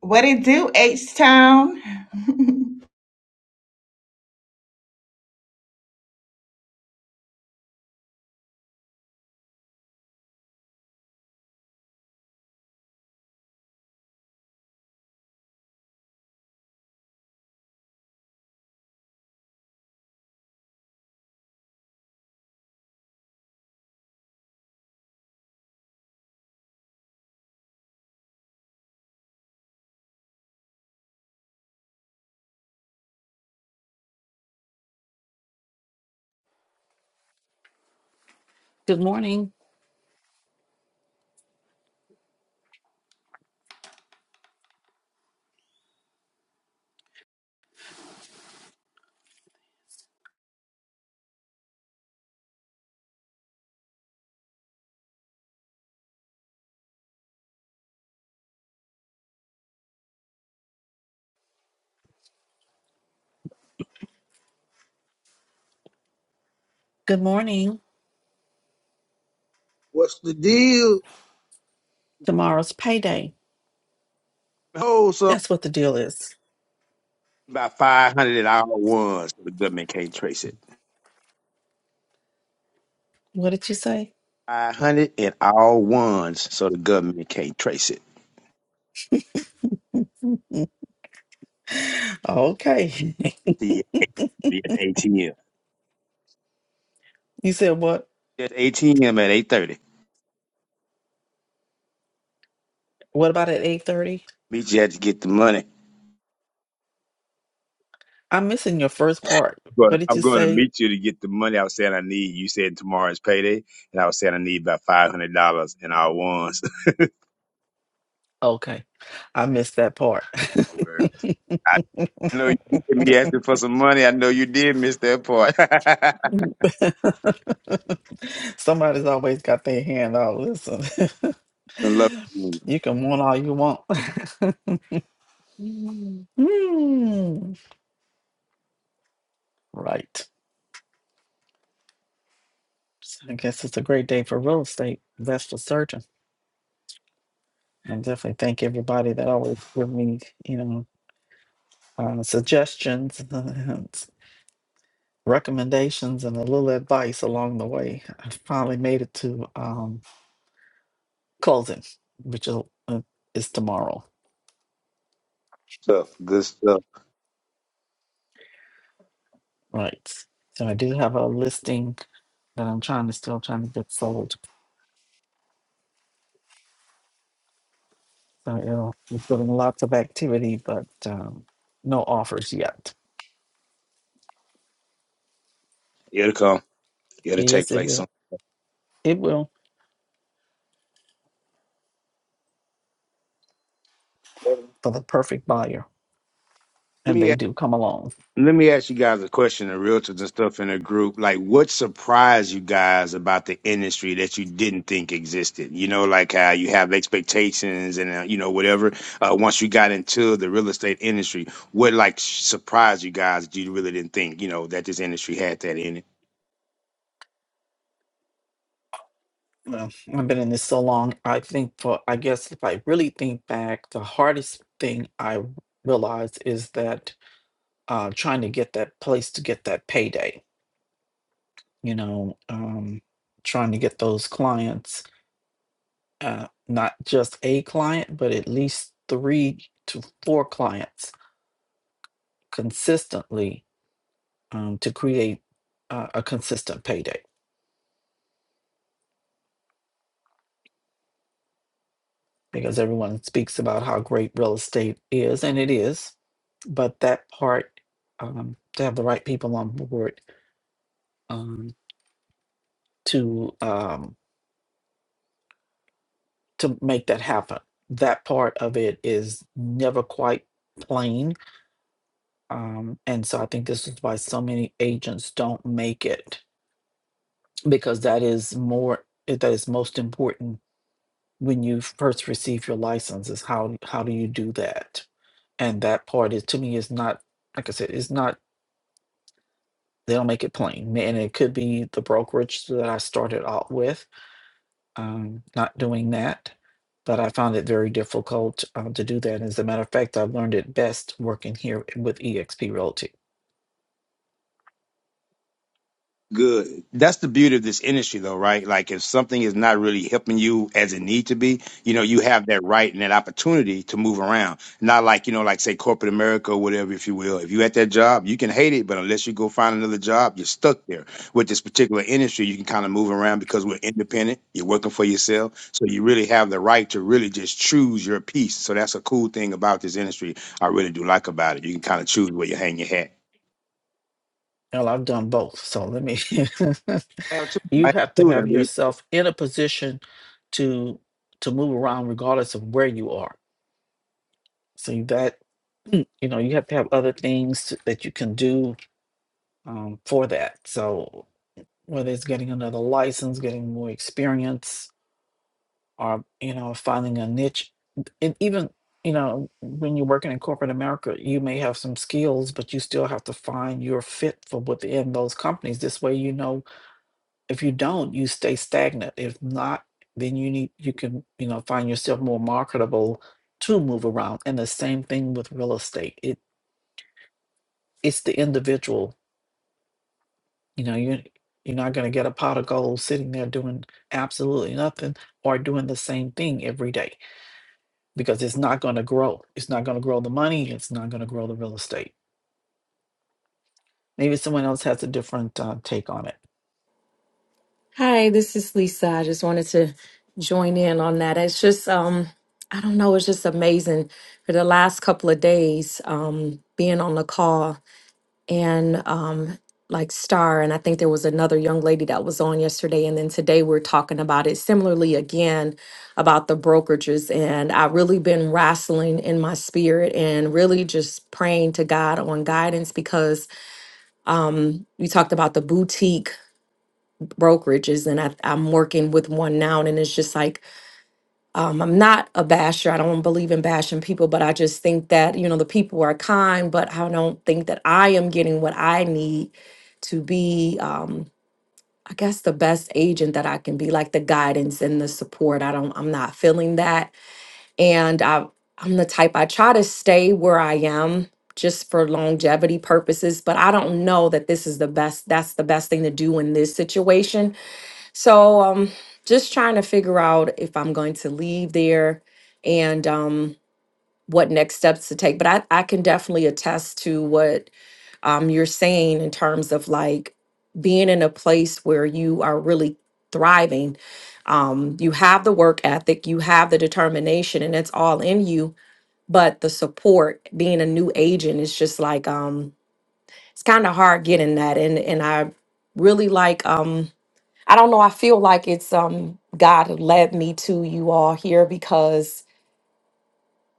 What it do, H Town? Good morning. Good morning. What's the deal? Tomorrow's payday. Hold something. That's what the deal is. About 500 and all ones, so the government can't trace it. What did you say? 500 and all ones, so the government can't trace it. okay. See you at the ATM. you said what? At ATM at 8.30. What about at 8:30? Meet you at to get the money. I'm missing your first part. But What did I'm you going to say? meet you to get the money I was saying I need. You said tomorrow's payday, and I was saying I need about $500 in all ones. Okay. I missed that part. Word. I know you did me asking for some money. I know you did miss that part. Somebody's always got their hand out. Listen. Some love. you can want all you want. Mm. Mm. Right. So I guess it's a great day for real estate. That's for certain. I definitely thank everybody that always give me, you know, uh, suggestions, and recommendations, and a little advice along the way. I finally made it to um, closing, which is, uh, is tomorrow, Stuff, good stuff. right? So I do have a listing that I'm trying to still trying to get sold. So it'll, it's doing lots of activity, but um, no offers yet. It'll come. It'll take Yes, it place will. soon. It will for the perfect buyer, Let and me they a- do come along. let me ask you guys a question, the realtors and stuff in the group. Like, what surprised you guys about the industry that you didn't think existed? You know, like how you have expectations and uh, you know whatever. Uh, once you got into the real estate industry, what like surprised you guys? that You really didn't think you know that this industry had that in it. Well, I've been in this so long. I think for, I guess if I really think back, the hardest thing I realized is that uh, trying to get that place to get that payday, you know, um, trying to get those clients, uh, not just a client, but at least three to four clients consistently um, to create uh, a consistent payday. because everyone speaks about how great real estate is, and it is. But that part, um, to have the right people on board um, to um, to make that happen, that part of it is never quite plain. Um, and so I think this is why so many agents don't make it because that is more that is most important when you first receive your license is how how do you do that? And that part is to me is not like I said, is not they'll make it plain. And it could be the brokerage that I started out with, um, not doing that. But I found it very difficult uh, to do that. As a matter of fact, I've learned it best working here with eXp Realty. Good. That's the beauty of this industry, though, right? Like, if something is not really helping you as it need to be, you know, you have that right and that opportunity to move around. Not like, you know, like say corporate America or whatever, if you will. If you at that job, you can hate it, but unless you go find another job, you're stuck there. With this particular industry, you can kind of move around because we're independent. You're working for yourself, so you really have the right to really just choose your piece. So that's a cool thing about this industry. I really do like about it. You can kind of choose where you hang your hat. Well, I've done both. So let me, Yeah, too. you I- have to have too. yourself in a position to to move around regardless of where you are. So that you know you have to have other things that you can do um, for that. So whether it's getting another license, getting more experience, or you know, finding a niche. And even you know, when you're working in corporate America, you may have some skills, but you still have to find your fit for within those companies. This way, you know, if you don't, you stay stagnant. If not, then you need you can you know find yourself more marketable to move around. And the same thing with real estate. It it's the individual You know, you're you're not going to get a pot of gold sitting there doing absolutely nothing or doing the same thing every day because it's not going to grow. It's not going to grow the money. It's not going to grow the real estate. Maybe someone else has a different uh, take on it. Hi, this is Lisa. I just wanted to join in on that. It's just um I don't know, it's just amazing for the last couple of days um being on the call and um like Star and I think there was another young lady that was on yesterday and then today we're talking about it similarly again about the brokerages and I've really been wrestling in my spirit and really just praying to God on guidance because um we talked about the boutique brokerages and I, i'm working with one now and it's just like um, i'm not a basher i don't believe in bashing people but i just think that you know the people are kind but i don't think that i am getting what i need to be um, i guess the best agent that i can be like the guidance and the support i don't i'm not feeling that and i i'm the type i try to stay where i am just for longevity purposes but i don't know that this is the best that's the best thing to do in this situation so um just trying to figure out if I'm going to leave there and um what next steps to take. But I, I can definitely attest to what um you're saying in terms of like being in a place where you are really thriving. Um you have the work ethic, you have the determination and it's all in you, but the support being a new agent is just like um it's kind of hard getting that and and I really like um I don't know. I feel like it's um God led me to you all here because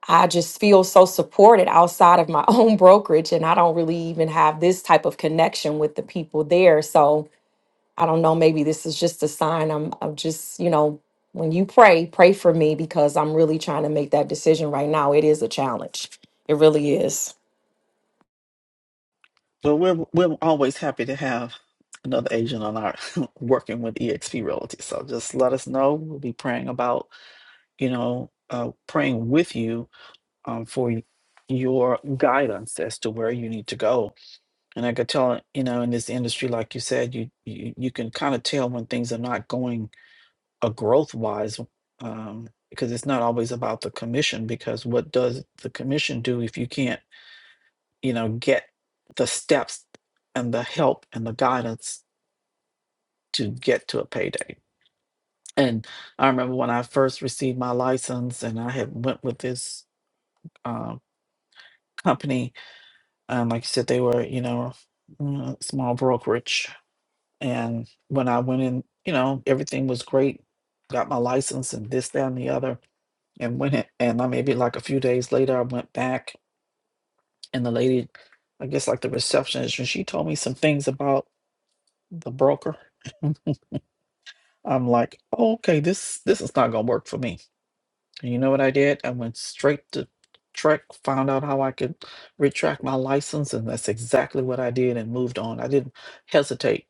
I just feel so supported outside of my own brokerage and I don't really even have this type of connection with the people there. So I don't know, maybe this is just a sign I'm I'm just, you know, when you pray, pray for me because I'm really trying to make that decision right now. It is a challenge. It really is. But we're we're always happy to have another agent on our working with EXP Realty. So just let us know. We'll be praying about you know uh, praying with you um, for your guidance as to where you need to go And I could tell, you know, in this industry, like you said, you you, you can kind of tell when things are not going a growth wise, um, because it's not always about the commission. Because what does the commission do if you can't, you know, get the steps and the help and the guidance to get to a payday? And I remember when I first received my license, and I had went with this uh, company, and like you said, they were, you know, mm, small brokerage And when I went in, you know, everything was great. Got my license and this, that, and the other, and went in. And I maybe like a few days later, I went back, and the lady, I guess like the receptionist, and she told me some things about the broker. I'm like, oh, okay, this this is not gonna work for me. And you know what I did? I went straight to Trek, found out how I could retract my license, and that's exactly what I did, and moved on. I didn't hesitate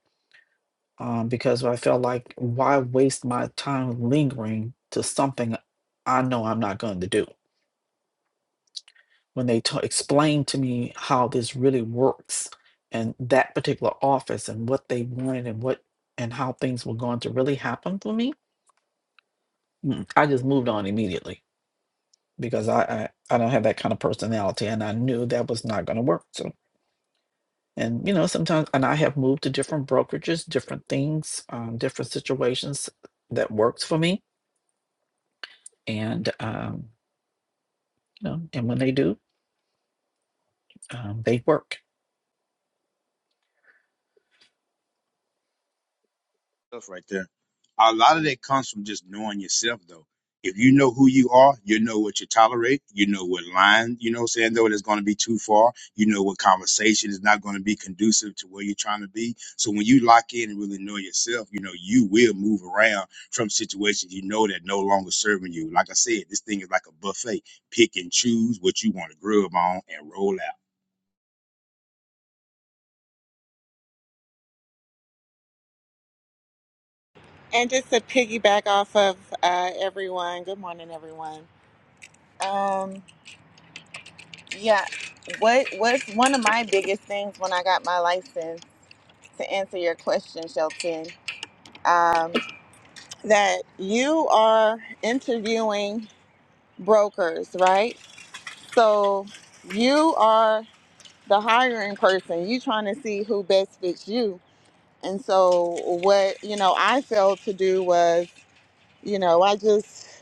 um, because I felt like why waste my time lingering to something I know I'm not going to do. When they t- explained to me how this really works and that particular office and what they wanted and what and how things were going to really happen for me, mm, I just moved on immediately because I I, I don't have that kind of personality and I knew that was not going to work. So and you know sometimes and I have moved to different brokerages, different things, um, different situations that works for me and um, you know, and when they do, um, they work. stuff right there. A lot of that comes from just knowing yourself, though. If you know who you are, you know what you tolerate. You know what line, you know, what I'm saying though, that's going to be too far. You know what conversation is not going to be conducive to where you're trying to be. So when you lock in and really know yourself, you know, you will move around from situations you know that no longer serving you. Like I said, this thing is like a buffet. Pick and choose what you want to grub on and roll out. And just to piggyback off of uh, everyone, good morning, everyone. Um, yeah, what was one of my biggest things when I got my license to answer your question, Shelton? Um, that you are interviewing brokers, right? So you are the hiring person. You trying to see who best fits you. And so what you know, I failed to do was You know, I just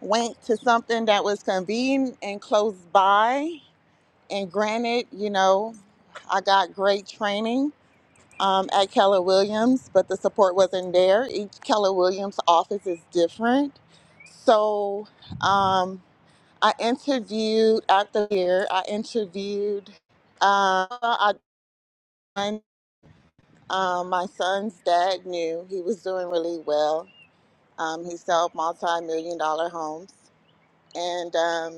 went to something that was convenient and close by. And granted, you know, I got great training um, at Keller Williams, but the support wasn't there. Each Keller Williams office is different. So um, I interviewed after the year, I interviewed, uh, I, um, my son's dad knew he was doing really well. Um, he sold multi million dollar homes. And um,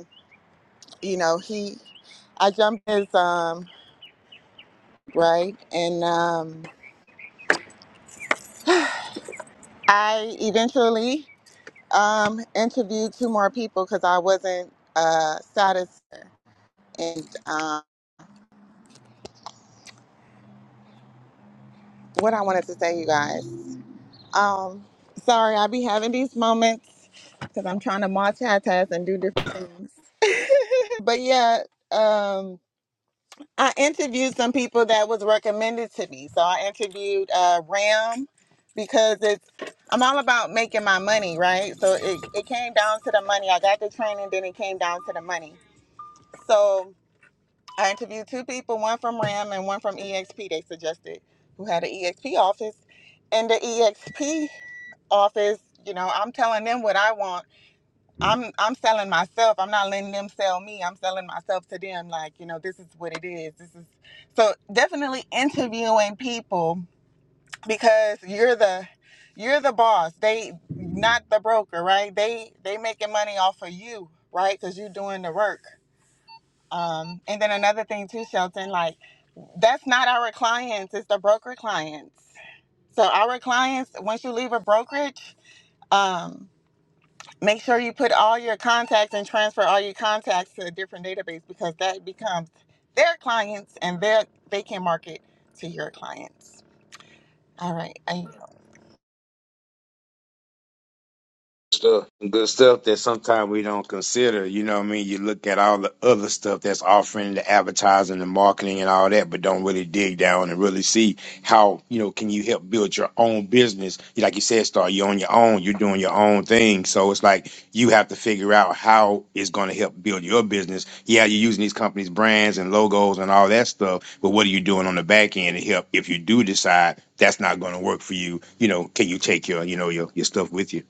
you know, he I jumped his um right and um I eventually um interviewed two more people because I wasn't uh satisfied and um what I wanted to say you guys. Um sorry I be having these moments because I'm trying to multitask and do different things. But yeah, um I interviewed some people that was recommended to me. So I interviewed uh, Ram because it's I'm all about making my money, right? So it, it came down to the money. I got the training, then it came down to the money. So I interviewed two people, one from Ram and one from EXP. They suggested who had an EXP office, and the EXP office. You know, I'm telling them what I want I'm I'm selling myself. I'm not letting them sell me. I'm selling myself to them. Like you know, this is what it is. This is so definitely interviewing people because you're the you're the boss. They not the broker, right? They they making money off of you, right? Because you're doing the work. Um, and then another thing too, Shelton, like that's not our clients. It's the broker clients. So our clients, once you leave a brokerage. um, Make sure you put all your contacts and transfer all your contacts to a different database because that becomes their clients and their they can market to your clients. All right. I, stuff, good stuff that sometimes we don't consider. You know what I mean? You look at all the other stuff that's offering the advertising, the marketing, and all that, but don't really dig down and really see how you know can you help build your own business. Like you said, Star, you're on your own. You're doing your own thing, so it's like you have to figure out how it's going to help build your business. Yeah, you're using these companies' brands and logos and all that stuff, but what are you doing on the back end to help if you do decide that's not going to work for you? You know, can you take your you know your your stuff with you?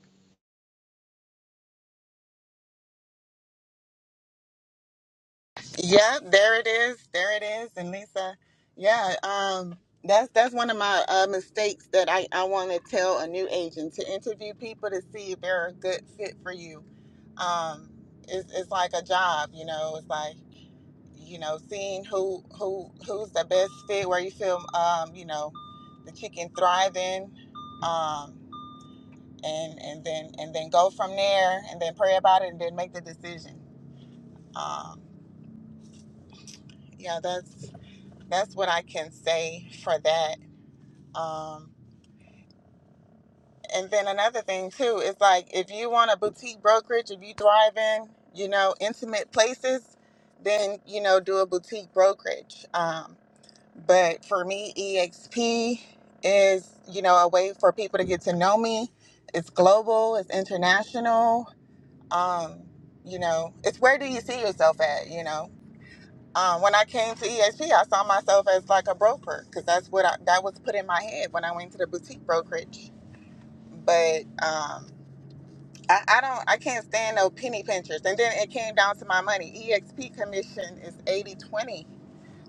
yeah, there it is. There it is. And Lisa, yeah, um, that's that's one of my uh, mistakes that I, I want to tell a new agent to interview people to see if they're a good fit for you. Um, it's, it's like a job, you know. It's like you know, seeing who who who's the best fit, where you feel, um, you know, that you can thrive in, um, and and then and then go from there, and then pray about it, and then make the decision. Um, yeah, that's that's what I can say for that. Um, and then another thing too is like if you want a boutique brokerage, if you thrive in, you know, intimate places, then you know, do a boutique brokerage. Um. But for me, EXP is, you know, a way for people to get to know me. It's global, it's international. Um, you know, it's where do you see yourself at, you know? Um, when I came to EXP, I saw myself as like a broker because that's what I, that was put in my head when I went to the boutique brokerage. But um, I, I don't, I can't stand no penny pinchers. And then it came down to my money. EXP commission is 80 20.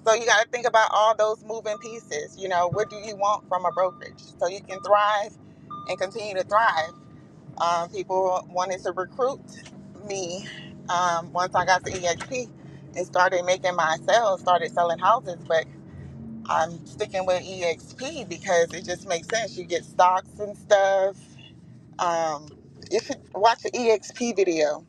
So you got to think about all those moving pieces. You know, what do you want from a brokerage so you can thrive and continue to thrive? Um, people wanted to recruit me um, once I got to EXP and started making my sales, started selling houses, but I'm sticking with EXP because it just makes sense. You get stocks and stuff. Um, you should watch the EXP video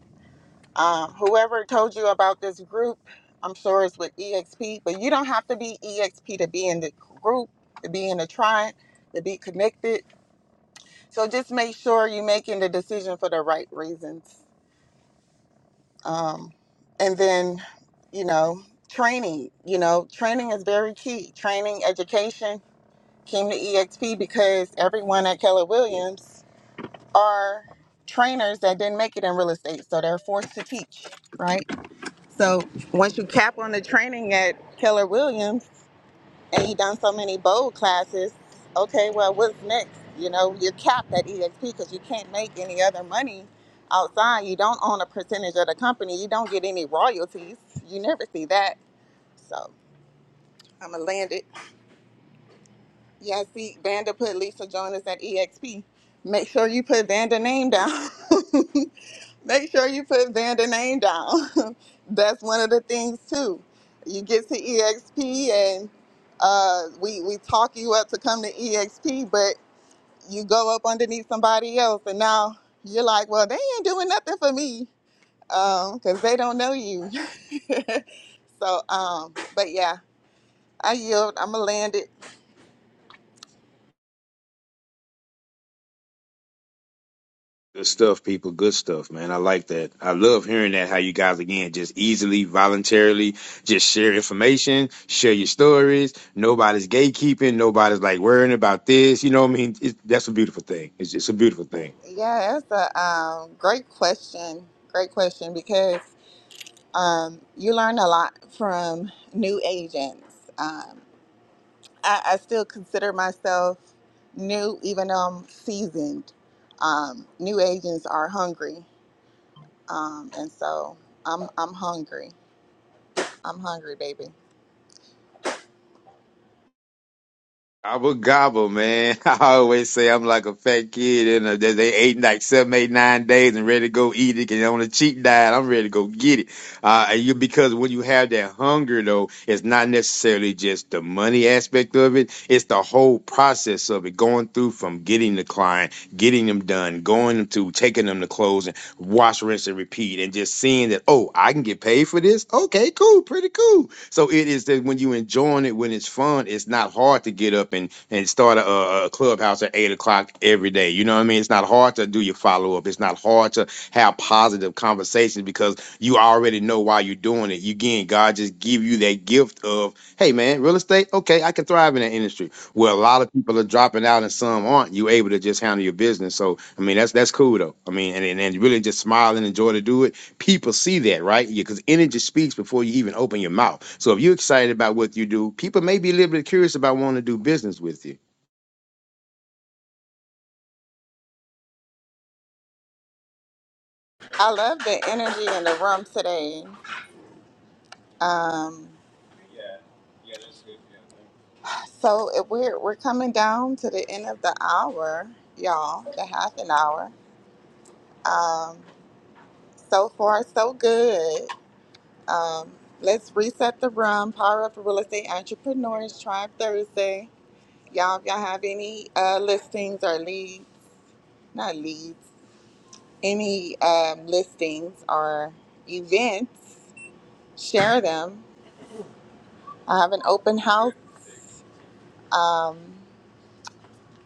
um, whoever told you about this group, I'm sure it's with EXP, but you don't have to be EXP to be in the group, to be in the tribe, to be connected. So just make sure you're making the decision for the right reasons. Um, and then, you know, training, you know, training is very key. Training, education came to EXP because everyone at Keller Williams are trainers that didn't make it in real estate. So they're forced to teach, right? So once you cap on the training at Keller Williams and you done so many bowl classes, okay, well, what's next? You know, you're capped at EXP because you can't make any other money outside. You don't own a percentage of the company. You don't get any royalties. You never see that. So I'm going to land it. Yeah, see, Vanda put Lisa Jonas at EXP. Make sure you put Vanda name down. Make sure you put Vanda name down. That's one of the things too. You get to EXP and uh, we we talk you up to come to EXP, but you go up underneath somebody else, and now you're like, well, they ain't doing nothing for me because they don't know you. so, um, but yeah, I yield. I'm gonna land it. Good stuff, people. Good stuff, man. I like that. I love hearing that. How you guys again just easily, voluntarily, just share information, share your stories. Nobody's gatekeeping. Nobody's like worrying about this. You know what I mean? It's, that's a beautiful thing. It's just a beautiful thing. Yeah, that's a um, great question. Great question because um, you learn a lot from new agents. Um, I, I still consider myself new, even though I'm seasoned. Um, new agents are hungry, um, and so I'm I'm hungry. I'm hungry, baby. Gobble gobble, man. I always say I'm like a fat kid and uh, they they ate like seven, eight, nine days and ready to go eat it. And on a cheat diet, I'm ready to go get it. Uh, and you because when you have that hunger though, it's not necessarily just the money aspect of it. It's the whole process of it going through from getting the client, getting them done, going to taking them to close and wash, rinse, and repeat, and just seeing that oh, I can get paid for this. Okay, cool, pretty cool so it is that when you enjoying it, when it's fun, it's not hard to get up and and start a, a clubhouse at eight o'clock every day. You know what I mean? It's not hard to do your follow up. It's not hard to have positive conversations because you already know why you're doing it. You again, God just give you that gift of, hey man, real estate, okay, I can thrive in that industry. Where a lot of people are dropping out and some aren't. You able to just handle your business. So I mean, that's that's cool though. I mean, and and, and really just smile and enjoy to do it people see that, right? Yeah, Because energy speaks before you even open your mouth. So if you're excited about what you do, people may be a little bit curious about wanting to do business with you. I love the energy in the room today. Um, so if we're we're coming down to the end of the hour, y'all. The half an hour. Um, So far, so good. Um, let's reset the room. Power up real estate entrepreneurs. Tribe Thursday. Y'all, if y'all have any uh, listings or leads, not leads, any um, listings or events, share them. I have an open house um,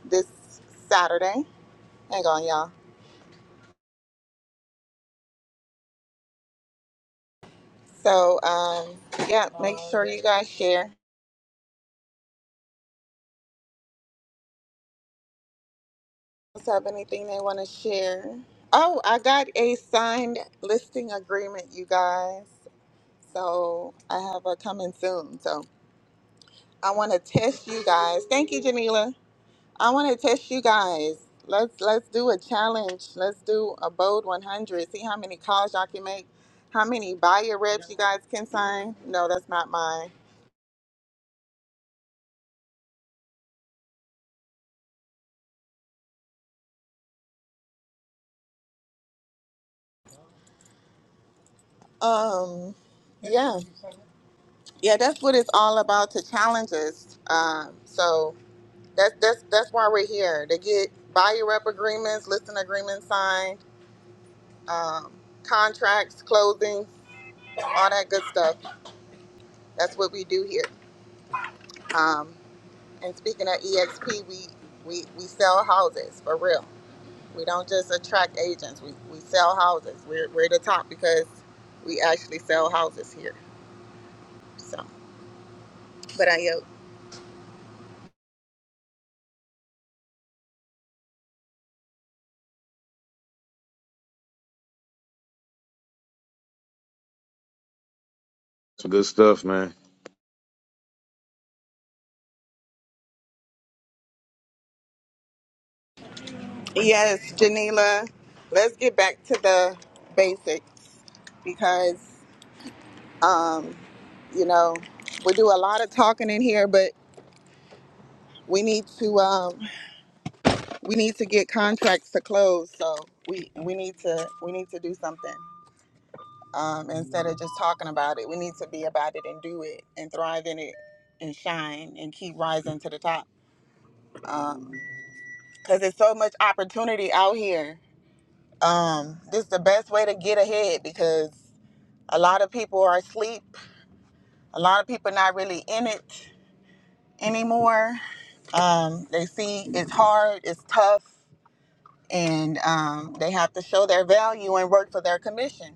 this Saturday. Hang on, y'all. So, um, yeah, make sure you guys share. else have anything they want to share? Oh, I got a signed listing agreement, you guys. So I have a coming soon. So I want to test you guys. Thank you, Janila. I want to test you guys. Let's let's do a challenge. Let's do a bold 100. See how many calls y'all can make. How many buyer reps you guys can sign? No, that's not mine. Um, yeah, yeah, that's what it's all about. To challenge us. Um, so That's that's that's why we're here to get buyer rep agreements, listing agreements signed, um, contracts, closings, all that good stuff. That's what we do here. Um, and speaking of EXP, we, we we sell houses for real. We don't just attract agents. We, we sell houses. We're we're the top because we actually sell houses here. So, but I yield. Some good stuff, man. Yes, Janila, let's get back to the basics because Um, you know, we do a lot of talking in here, but we need to um, we need to get contracts to close. So we we need to we need to do something um, instead of just talking about it. We need to be about it and do it and thrive in it and shine and keep rising to the top. Um, Cause there's so much opportunity out here. Um, this is the best way to get ahead because a lot of people are asleep. A lot of people not really in it anymore. Um, they see it's hard, it's tough, and um, they have to show their value and work for their commission.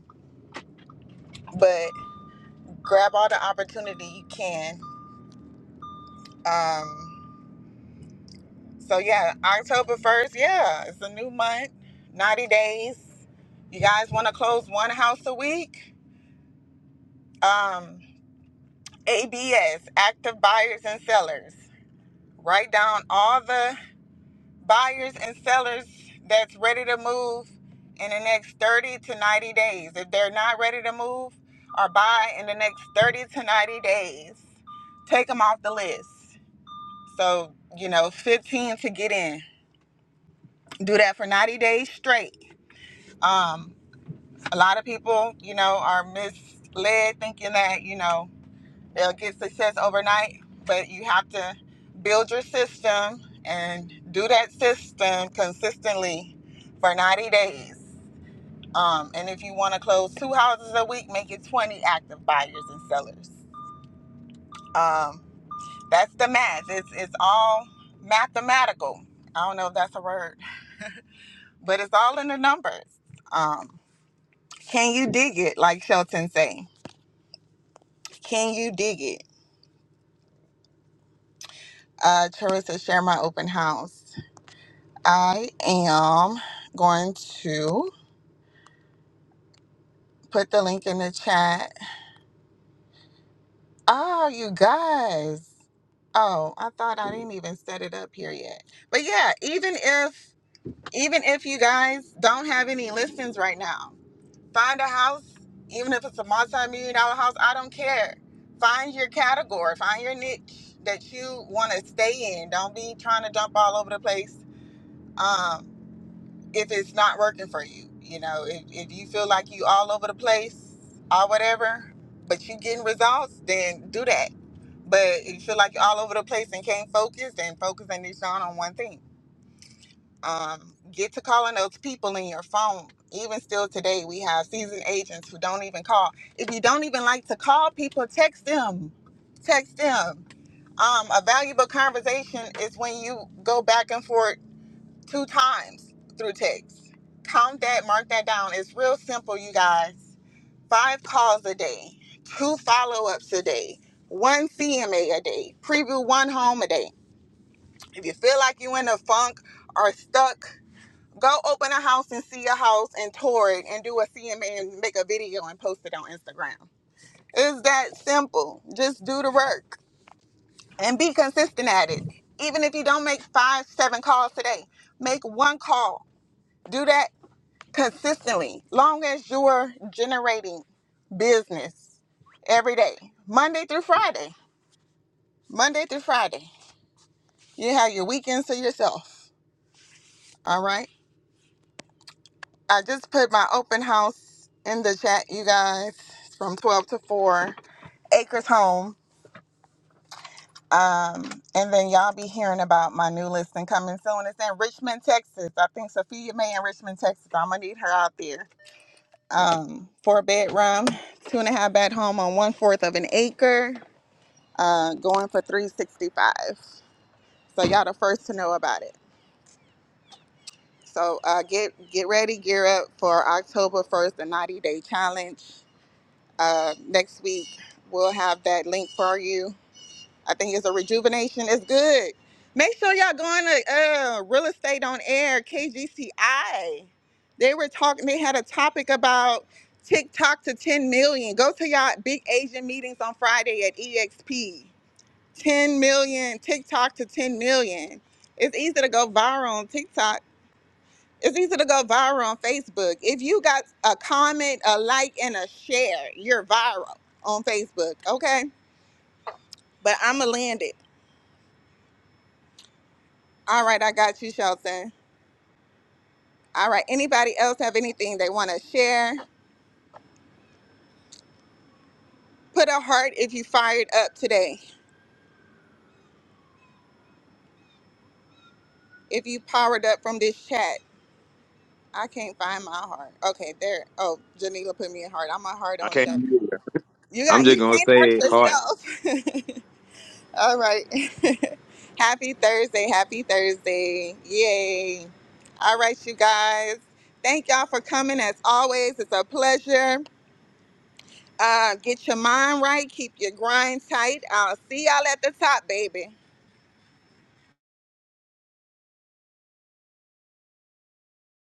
But grab all the opportunity you can. Um, so, yeah, October 1st, yeah, it's a new month, 90 days. You guys want to close one house a week? Um, ABS, active buyers and sellers. Write down all the buyers and sellers that's ready to move in the next 30 to 90 days. If they're not ready to move or buy in the next 30 to 90 days, take them off the list. So, you know, 15 to get in. Do that for 90 days straight. Um, a lot of people, you know, are misled thinking that, you know, They'll get success overnight, but you have to build your system and do that system consistently for 90 days. Um, and if you want to close two houses a week, make it 20 active buyers and sellers. Um, that's the math. It's, it's all mathematical. I don't know if that's a word, but it's all in the numbers. Um, can you dig it? Like Shelton say, can you dig it? Uh, Charissa, share my open house. I am going to put the link in the chat. Oh, you guys. Oh, I thought I didn't even set it up here yet. But yeah, even if even if you guys don't have any listings right now, find a house, even if it's a multi-million dollar house, I don't care. Find your category, find your niche that you want to stay in. Don't be trying to jump all over the place. Um. if it's not working for you. You know, if, if you feel like you all over the place or whatever, but you getting results, then do that. But if you feel like you're all over the place and can't focus, then focus and niche down on one thing. Um, get to calling those people in your phone. Even still today, we have seasoned agents who don't even call. If you don't even like to call people, text them. Text them. Um, a valuable conversation is when you go back and forth two times through text. Count that, mark that down. It's real simple, you guys. Five calls a day, two follow ups a day, one CMA a a day, preview one home a day. If you feel like you're in a funk or stuck, go open a house and see a house and tour it and do a CMA and make a video and post it on Instagram. It's that simple. Just do the work and be consistent at it. Even if you don't make five, seven calls today, make one call. Do that consistently long as you're generating business every day monday through friday monday through friday you have your weekends to yourself all right i just put my open house in the chat you guys from 12 to 4 acres home um, and then y'all be hearing about my new listing coming soon it's in richmond texas i think sophia may in richmond texas i'm gonna need her out there um, four bedroom two and a half bed home on one fourth of an acre uh, going for 365. So y'all the first to know about it. So uh, get get ready, gear up for October 1st, the 90 day challenge. Uh, next week we'll have that link for you. I think it's a rejuvenation. It's good. Make sure y'all going to uh, real estate on air KGCI. They were talking. They had a topic about TikTok to 10 million. Go to y'all big Asian meetings on Friday at EXP. 10 million TikTok to 10 million. It's easy to go viral on TikTok. It's easy to go viral on Facebook. If you got a comment, a like, and a share, you're viral on Facebook. Okay? But I'ma land it. All right, I got you, Shelton. All right. Anybody else have anything they want to share? Put a heart if you fired up today. If you powered up from this chat. I can't find my heart. Okay, there. Oh, Janila put me a heart. I'm a heart I on can't. Shelton. You I'm got just you gonna can't say hurt heart. yourself. All right. happy Thursday. Happy Thursday. Yay. All right, you guys. Thank y'all for coming. As always, it's a pleasure. Uh, get your mind right. Keep your grind tight. I'll see y'all at the top, baby.